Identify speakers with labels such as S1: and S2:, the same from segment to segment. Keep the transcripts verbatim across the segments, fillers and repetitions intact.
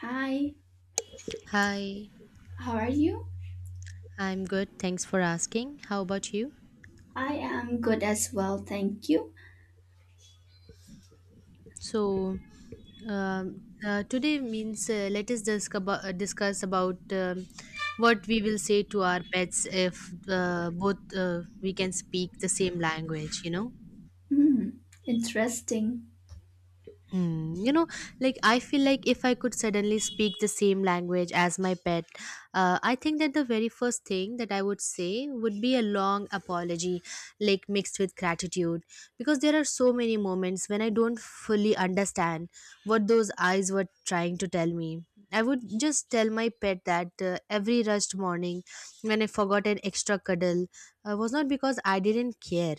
S1: Hi,
S2: Hi,
S1: how are you?
S2: I'm good. Thanks for asking. How about you?
S1: I am good as well, thank you.
S2: So, um, uh, today means uh, let us discuss about, uh, discuss about um, what we will say to our pets if uh, both uh, we can speak the same language, you know?
S1: Hmm, interesting.
S2: Hmm, you know, like I feel like if I could suddenly speak the same language as my pet, uh, I think that the very first thing that I would say would be a long apology, like mixed with gratitude, because there are so many moments when I don't fully understand what those eyes were trying to tell me. I would just tell my pet that uh, every rushed morning when I forgot an extra cuddle uh, was not because I didn't care,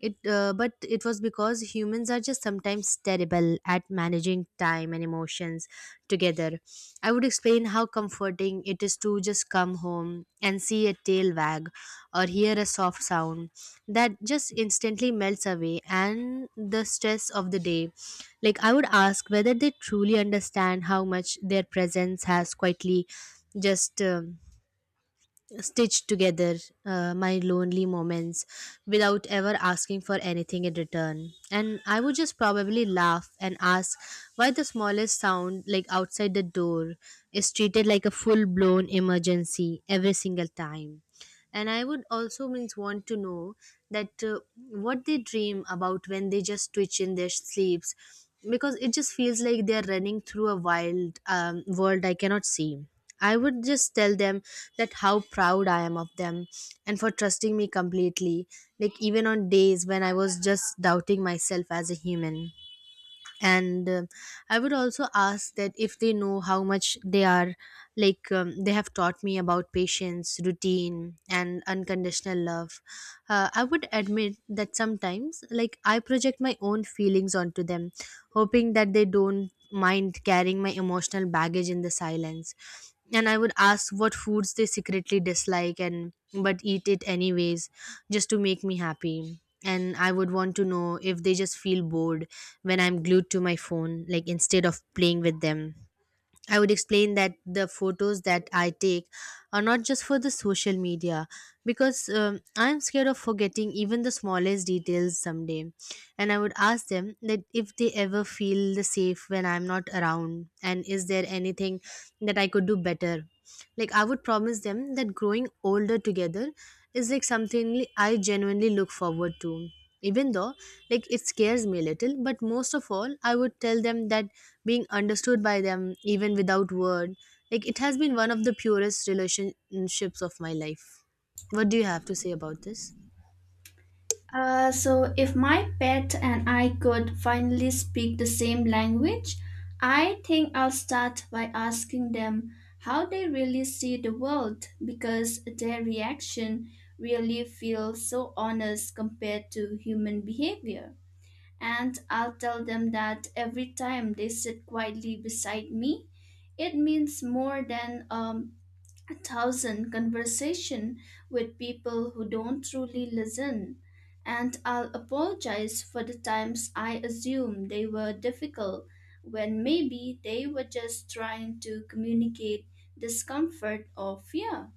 S2: it, uh, but it was because humans are just sometimes terrible at managing time and emotions together. I would explain how comforting it is to just come home and see a tail wag or hear a soft sound that just instantly melts away and the stress of the day. Like, I would ask whether they truly understand how much their presence has quietly just. Um stitch together uh, my lonely moments without ever asking for anything in return. And I would just probably laugh and ask why the smallest sound like outside the door is treated like a full blown emergency every single time. And I would also means want to know that uh, what they dream about when they just twitch in their sleeps, because it just feels like they're running through a wild um, world I cannot see. I would just tell them that how proud I am of them and for trusting me completely, like even on days when I was just doubting myself as a human. And um I would also ask that if they know how much they are like um, they have taught me about patience routine and unconditional love. uh, I would admit that sometimes like I project my own feelings onto them, hoping that they don't mind carrying my emotional baggage in the silence. And I would ask what foods they secretly dislike and but eat it anyways, just to make me happy. And I would want to know if they just feel bored when I'm glued to my phone like instead of playing with them. I would explain that the photos that I take are not just for the social media, because um, I'm scared of forgetting even the smallest details someday. And I would ask them that if they ever feel the safe when I'm not around and is there anything that I could do better. Like I would promise them that growing older together is like something I genuinely look forward to. Even though like it scares me a little, but most of all I would tell them that being understood by them even without word, like it has been one of the purest relationships of my life. What do you have to say about this?
S1: Uh, so if my pet and I could finally speak the same language, I think I'll start by asking them how they really see the world, because their reaction really feels so honest compared to human behavior. And I'll tell them that every time they sit quietly beside me, it means more than um, a thousand conversation with people who don't truly listen. And I'll apologize for the times I assumed they were difficult when maybe they were just trying to communicate discomfort or fear.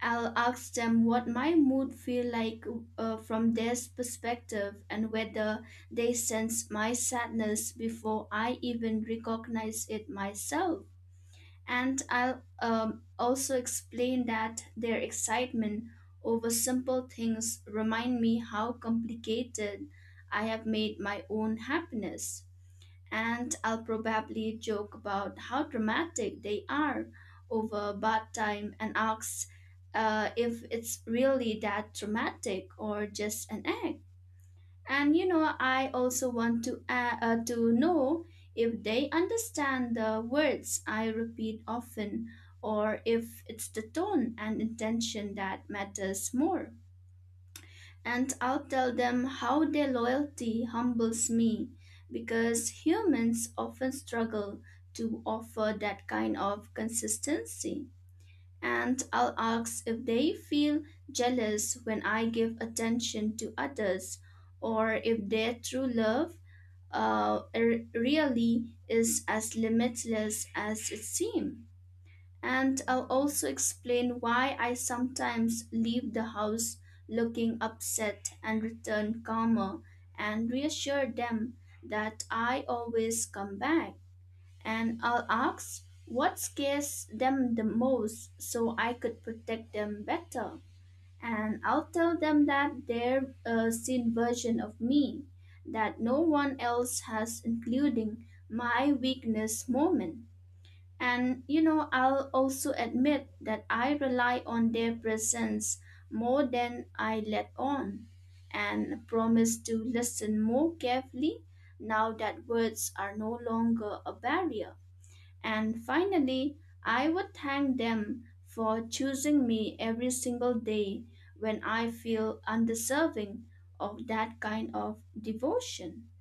S1: I'll ask them what my mood feel like uh, from their perspective, and whether they sense my sadness before I even recognize it myself. And I'll um, also explain that their excitement over simple things remind me how complicated I have made my own happiness. And I'll probably joke about how dramatic they are over bad time, and ask uh, if it's really that dramatic or just an act. And you know, I also want to uh, uh, to know if they understand the words I repeat often, or if it's the tone and intention that matters more. And I'll tell them how their loyalty humbles me, because humans often struggle to offer that kind of consistency. And I'll ask if they feel jealous when I give attention to others, or if their true love uh, r- really is as limitless as it seems. And I'll also explain why I sometimes leave the house looking upset and return calmer, and reassure them that I always come back. And I'll ask what scares them the most so I could protect them better. And I'll tell them that they're a seen version of me that no one else has, including my weakness moment. And you know, I'll also admit that I rely on their presence more than I let on, and promise to listen more carefully now that words are no longer a barrier. And finally, I would thank them for choosing me every single day when I feel undeserving of that kind of devotion.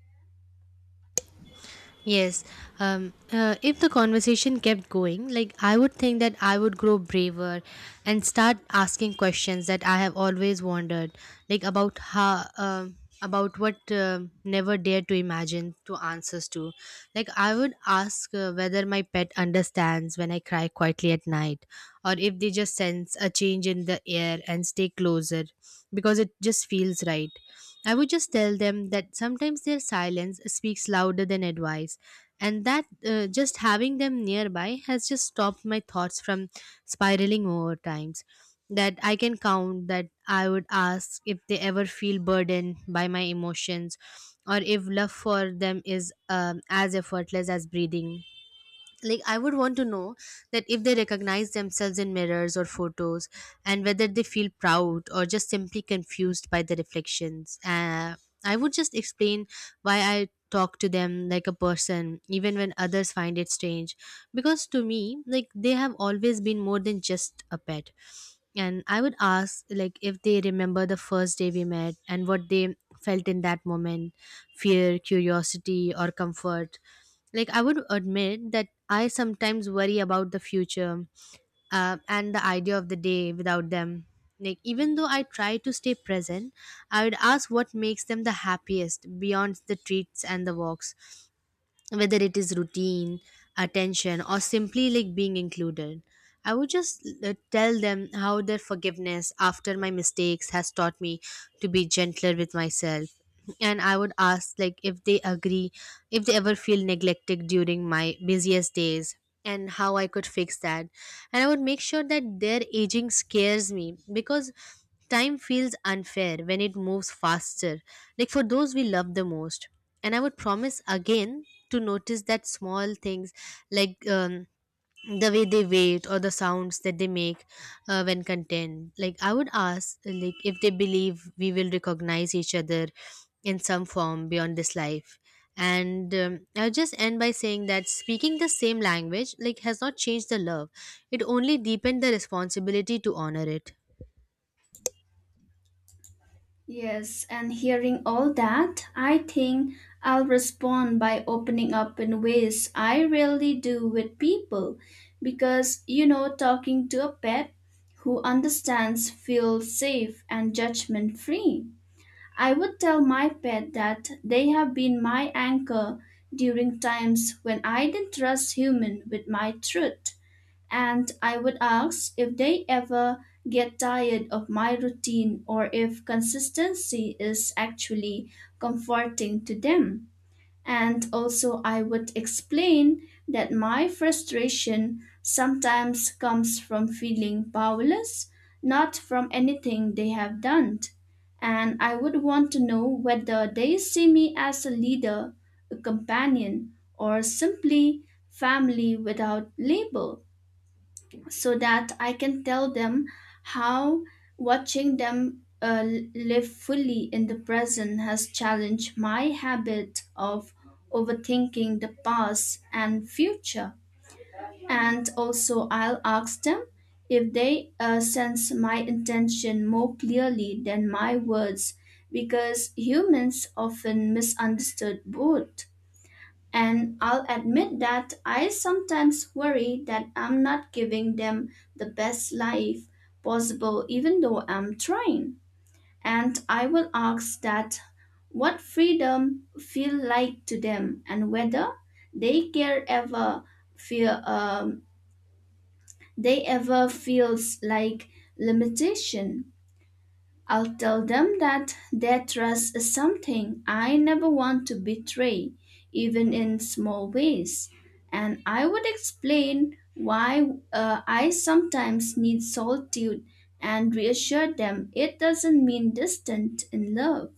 S2: Yes. Um, uh, if the conversation kept going, like I would think that I would grow braver and start asking questions that I have always wondered, like about how, um, about what um never dared to imagine to answers to. Like I would ask uh, whether my pet understands when I cry quietly at night, or if they just sense a change in the air and stay closer because it just feels right. I would just tell them that sometimes their silence speaks louder than advice, and that uh, just having them nearby has just stopped my thoughts from spiraling over times that I can count. That I would ask if they ever feel burdened by my emotions, or if love for them is um, as effortless as breathing. Like I would want to know that if they recognize themselves in mirrors or photos, and whether they feel proud or just simply confused by the reflections. uh, I would just explain why I talk to them like a person even when others find it strange, because to me like they have always been more than just a pet. And I would ask like if they remember the first day we met and what they felt in that moment, fear curiosity or comfort. Like, I would admit that I sometimes worry about the future, uh, and the idea of the day without them. Like, even though I try to stay present, I would ask what makes them the happiest beyond the treats and the walks, whether it is routine, attention or simply like being included. I would just uh, tell them how their forgiveness after my mistakes has taught me to be gentler with myself. And I would ask like if they agree, if they ever feel neglected during my busiest days, and how I could fix that. And I would make sure that their aging scares me, because time feels unfair when it moves faster like for those we love the most. And I would promise again to notice that small things, like um, the way they wait or the sounds that they make uh, when content. Like I would ask like if they believe we will recognize each other in some form beyond this life. And um, I'll just end by saying that speaking the same language like has not changed the love, it only deepened the responsibility to honor it.
S1: Yes, and hearing all that, I think I'll respond by opening up in ways I rarely do with people. Because, you know, talking to a pet who understands feels safe and judgment free. I would tell my pet that they have been my anchor during times when I didn't trust human with my truth. And I would ask if they ever get tired of my routine, or if consistency is actually comforting to them. And also, I would explain that my frustration sometimes comes from feeling powerless, not from anything they have done. And I would want to know whether they see me as a leader, a companion, or simply family without label, so that I can tell them how watching them uh, live fully in the present has challenged my habit of overthinking the past and future. And also, I'll ask them if they uh, sense my intention more clearly than my words, because humans often misunderstood both. And I'll admit that I sometimes worry that I'm not giving them the best life possible, even though I'm trying. And I will ask that what freedom feel like to them, and whether they care ever feel um, they ever feels like limitation. I'll tell them that their trust is something I never want to betray, even in small ways. And I would explain why uh, I sometimes need solitude and reassure them it doesn't mean distant in love.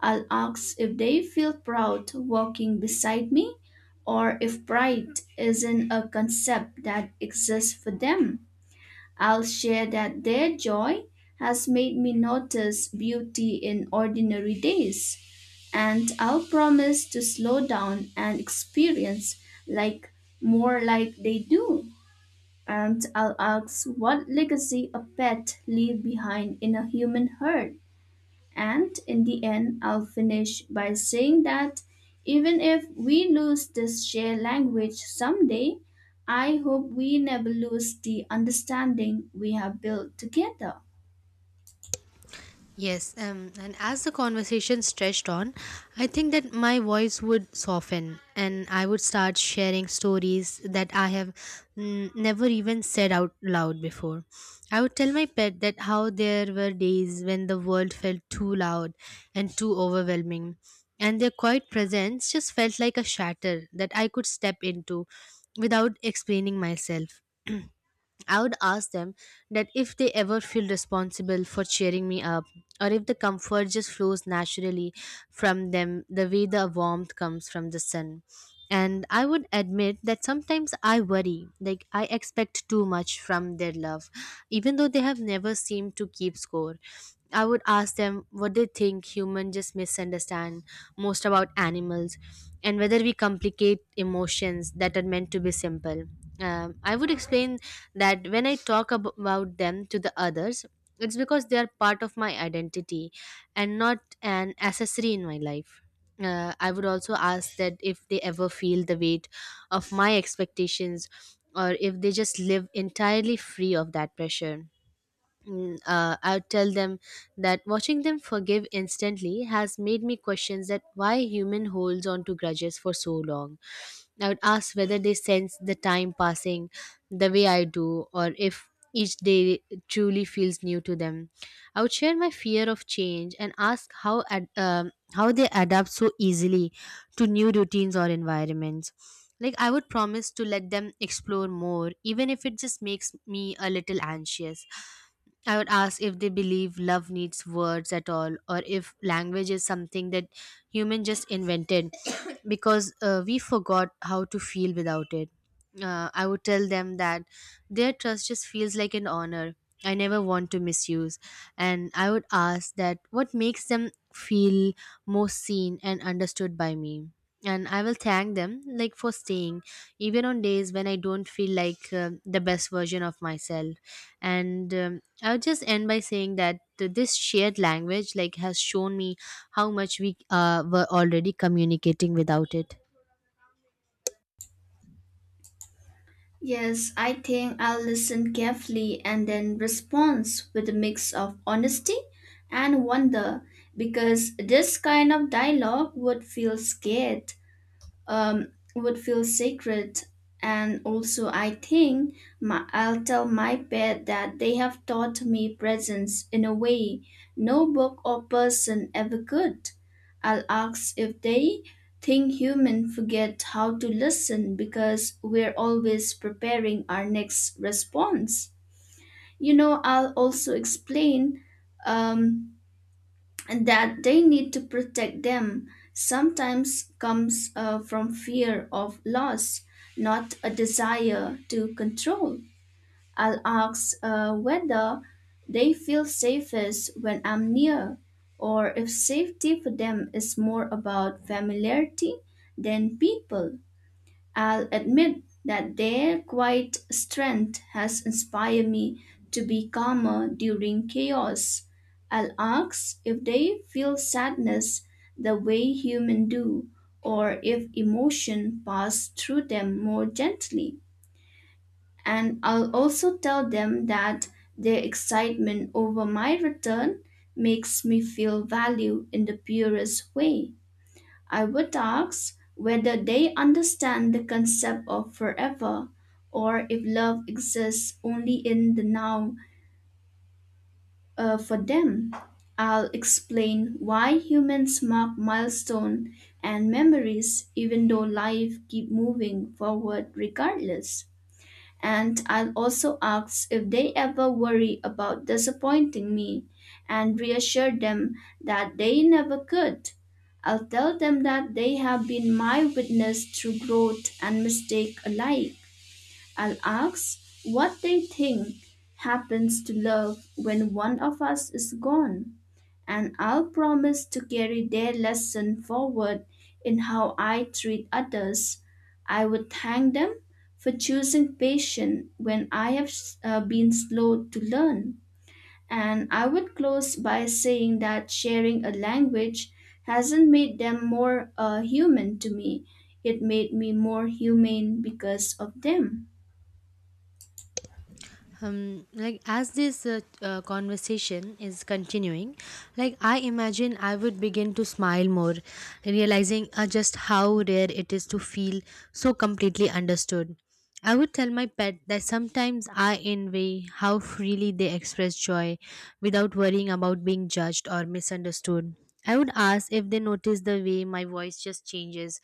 S1: I'll ask if they feel proud walking beside me, or if pride isn't a concept that exists for them. I'll share that their joy has made me notice beauty in ordinary days, and I'll promise to slow down and experience, like, more like they do. And I'll ask what legacy a pet leave behind in a human herd. And in the end, I'll finish by saying that even if we lose this shared language someday, I hope we never lose the understanding we have built together.
S2: Yes, um, and as the conversation stretched on, I think that my voice would soften and I would start sharing stories that I have mm, never even said out loud before. I would tell my pet that how there were days when the world felt too loud and too overwhelming, and their quiet presence just felt like a shatter that I could step into without explaining myself. I would ask them that if they ever feel responsible for cheering me up, or if the comfort just flows naturally from them the way the warmth comes from the sun. And I would admit that sometimes I worry, like I expect too much from their love, even though they have never seemed to keep score. I would ask them what they think humans just misunderstand most about animals, and whether we complicate emotions that are meant to be simple. Um, I would explain that when I talk ab- about them to the others, it's because they are part of my identity and not an accessory in my life. uh, I would also ask that if they ever feel the weight of my expectations, or if they just live entirely free of that pressure. Mm, uh, I would tell them that watching them forgive instantly has made me question that why human holds on to grudges for so long. I would ask whether they sense the time passing the way I do, or if each day truly feels new to them. I would share my fear of change and ask how ad- um, how they adapt so easily to new routines or environments. Like I would promise to let them explore more, even if it just makes me a little anxious. I would ask if they believe love needs words at all, or if language is something that human just invented because uh, we forgot how to feel without it. Uh, I would tell them that their trust just feels like an honor. I never want to misuse. And I would ask that what makes them feel most seen and understood by me. And I will thank them like for staying, even on days when I don't feel like uh, the best version of myself. And um, I would just end by saying that th- this shared language like has shown me how much we uh, were already communicating without it.
S1: Yes, I think I'll listen carefully and then respond with a mix of honesty and wonder, because this kind of dialogue would feel scared um, would feel sacred. And also, I think my, I'll tell my pet that they have taught me presence in a way no book or person ever could. I'll ask if they think human forget how to listen because we're always preparing our next response. You know, I'll also explain um, and that they need to protect them sometimes comes uh, from fear of loss, not a desire to control. I'll ask uh, whether they feel safest when I'm near, or if safety for them is more about familiarity than people. I'll admit that their quiet strength has inspired me to be calmer during chaos. I'll ask if they feel sadness the way humans do, or if emotion pass through them more gently. And I'll also tell them that their excitement over my return makes me feel value in the purest way. I would ask whether they understand the concept of forever, or if love exists only in the now uh, for them. I'll explain why humans mark milestone and memories even though life keep moving forward regardless. And I'll also ask if they ever worry about disappointing me, and reassure them that they never could. I'll tell them that they have been my witness through growth and mistake alike. I'll ask what they think happens to love when one of us is gone, and I'll promise to carry their lesson forward in how I treat others. I would thank them for choosing patience when I have uh, been slow to learn. And I would close by saying that sharing a language hasn't made them more uh, human to me. It made me more humane because of them.
S2: Um, like as this uh, uh, conversation is continuing, like I imagine I would begin to smile more, realizing uh, just how rare it is to feel so completely understood. I would tell my pet that sometimes I envy how freely they express joy without worrying about being judged or misunderstood. I would ask if they notice the way my voice just changes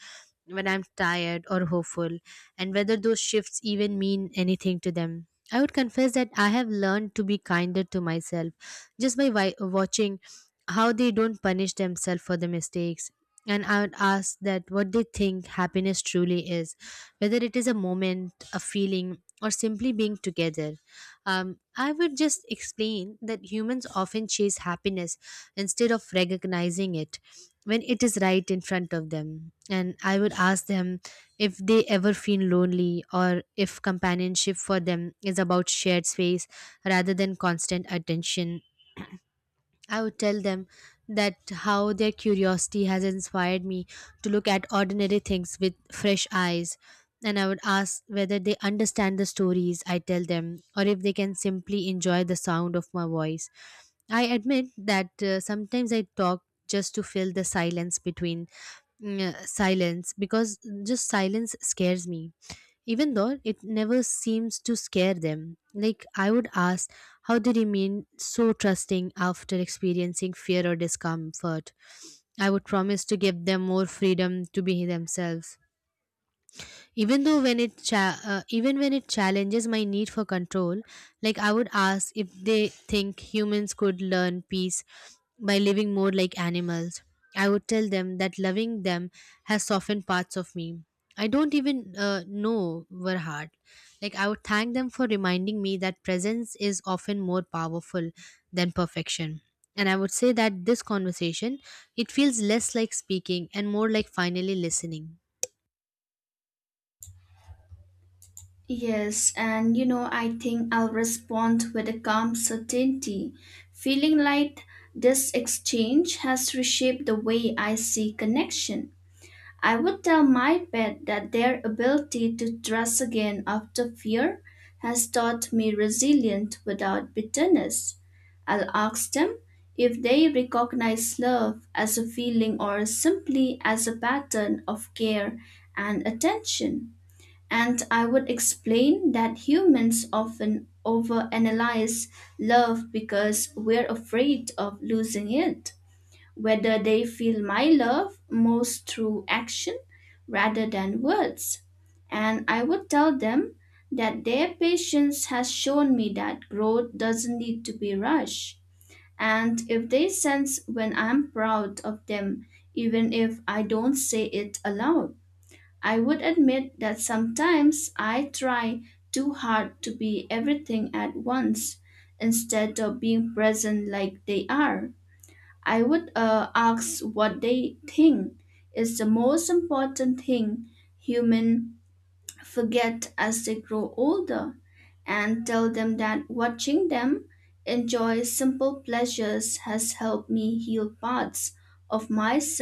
S2: when I'm tired or hopeful, and whether those shifts even mean anything to them. I would confess that I have learned to be kinder to myself, just by wi- watching how they don't punish themselves for the mistakes. And I would ask that what they think happiness truly is, whether it is a moment, a feeling, or simply being together. Um, I would just explain that humans often chase happiness instead of recognizing it when it is right in front of them. And I would ask them if they ever feel lonely, or if companionship for them is about shared space rather than constant attention. I would tell them that how their curiosity has inspired me to look at ordinary things with fresh eyes. And I would ask whether they understand the stories I tell them, or if they can simply enjoy the sound of my voice. I admit that uh, sometimes I talk just to fill the silence between mm, silence, because just silence scares me, even though it never seems to scare them. Like, I would ask how they remain so trusting after experiencing fear or discomfort. I would promise to give them more freedom to be themselves, even though when it cha- uh, even when it challenges my need for control. Like I would ask if they think humans could learn peace by living more like animals. I would tell them that loving them has softened parts of me I don't even uh, know were hard. Like I would thank them for reminding me that presence is often more powerful than perfection. And I would say that this conversation, it feels less like speaking and more like finally listening.
S1: Yes, and you know, I think I'll respond with a calm certainty, feeling like this exchange has reshaped the way I see connection. I would tell my pet that their ability to trust again after fear has taught me resilience without bitterness. I'll ask them if they recognize love as a feeling, or simply as a pattern of care and attention. And I would explain that humans often overanalyze love because we're afraid of losing it. Whether they feel my love most through action rather than words. And I would tell them that their patience has shown me that growth doesn't need to be rushed. And if they sense when I'm proud of them, even if I don't say it aloud. I would admit that sometimes I try too hard to be everything at once, instead of being present like they are. I would uh, ask what they think is the most important thing humans forget as they grow older, and tell them that watching them enjoy simple pleasures has helped me heal parts of myself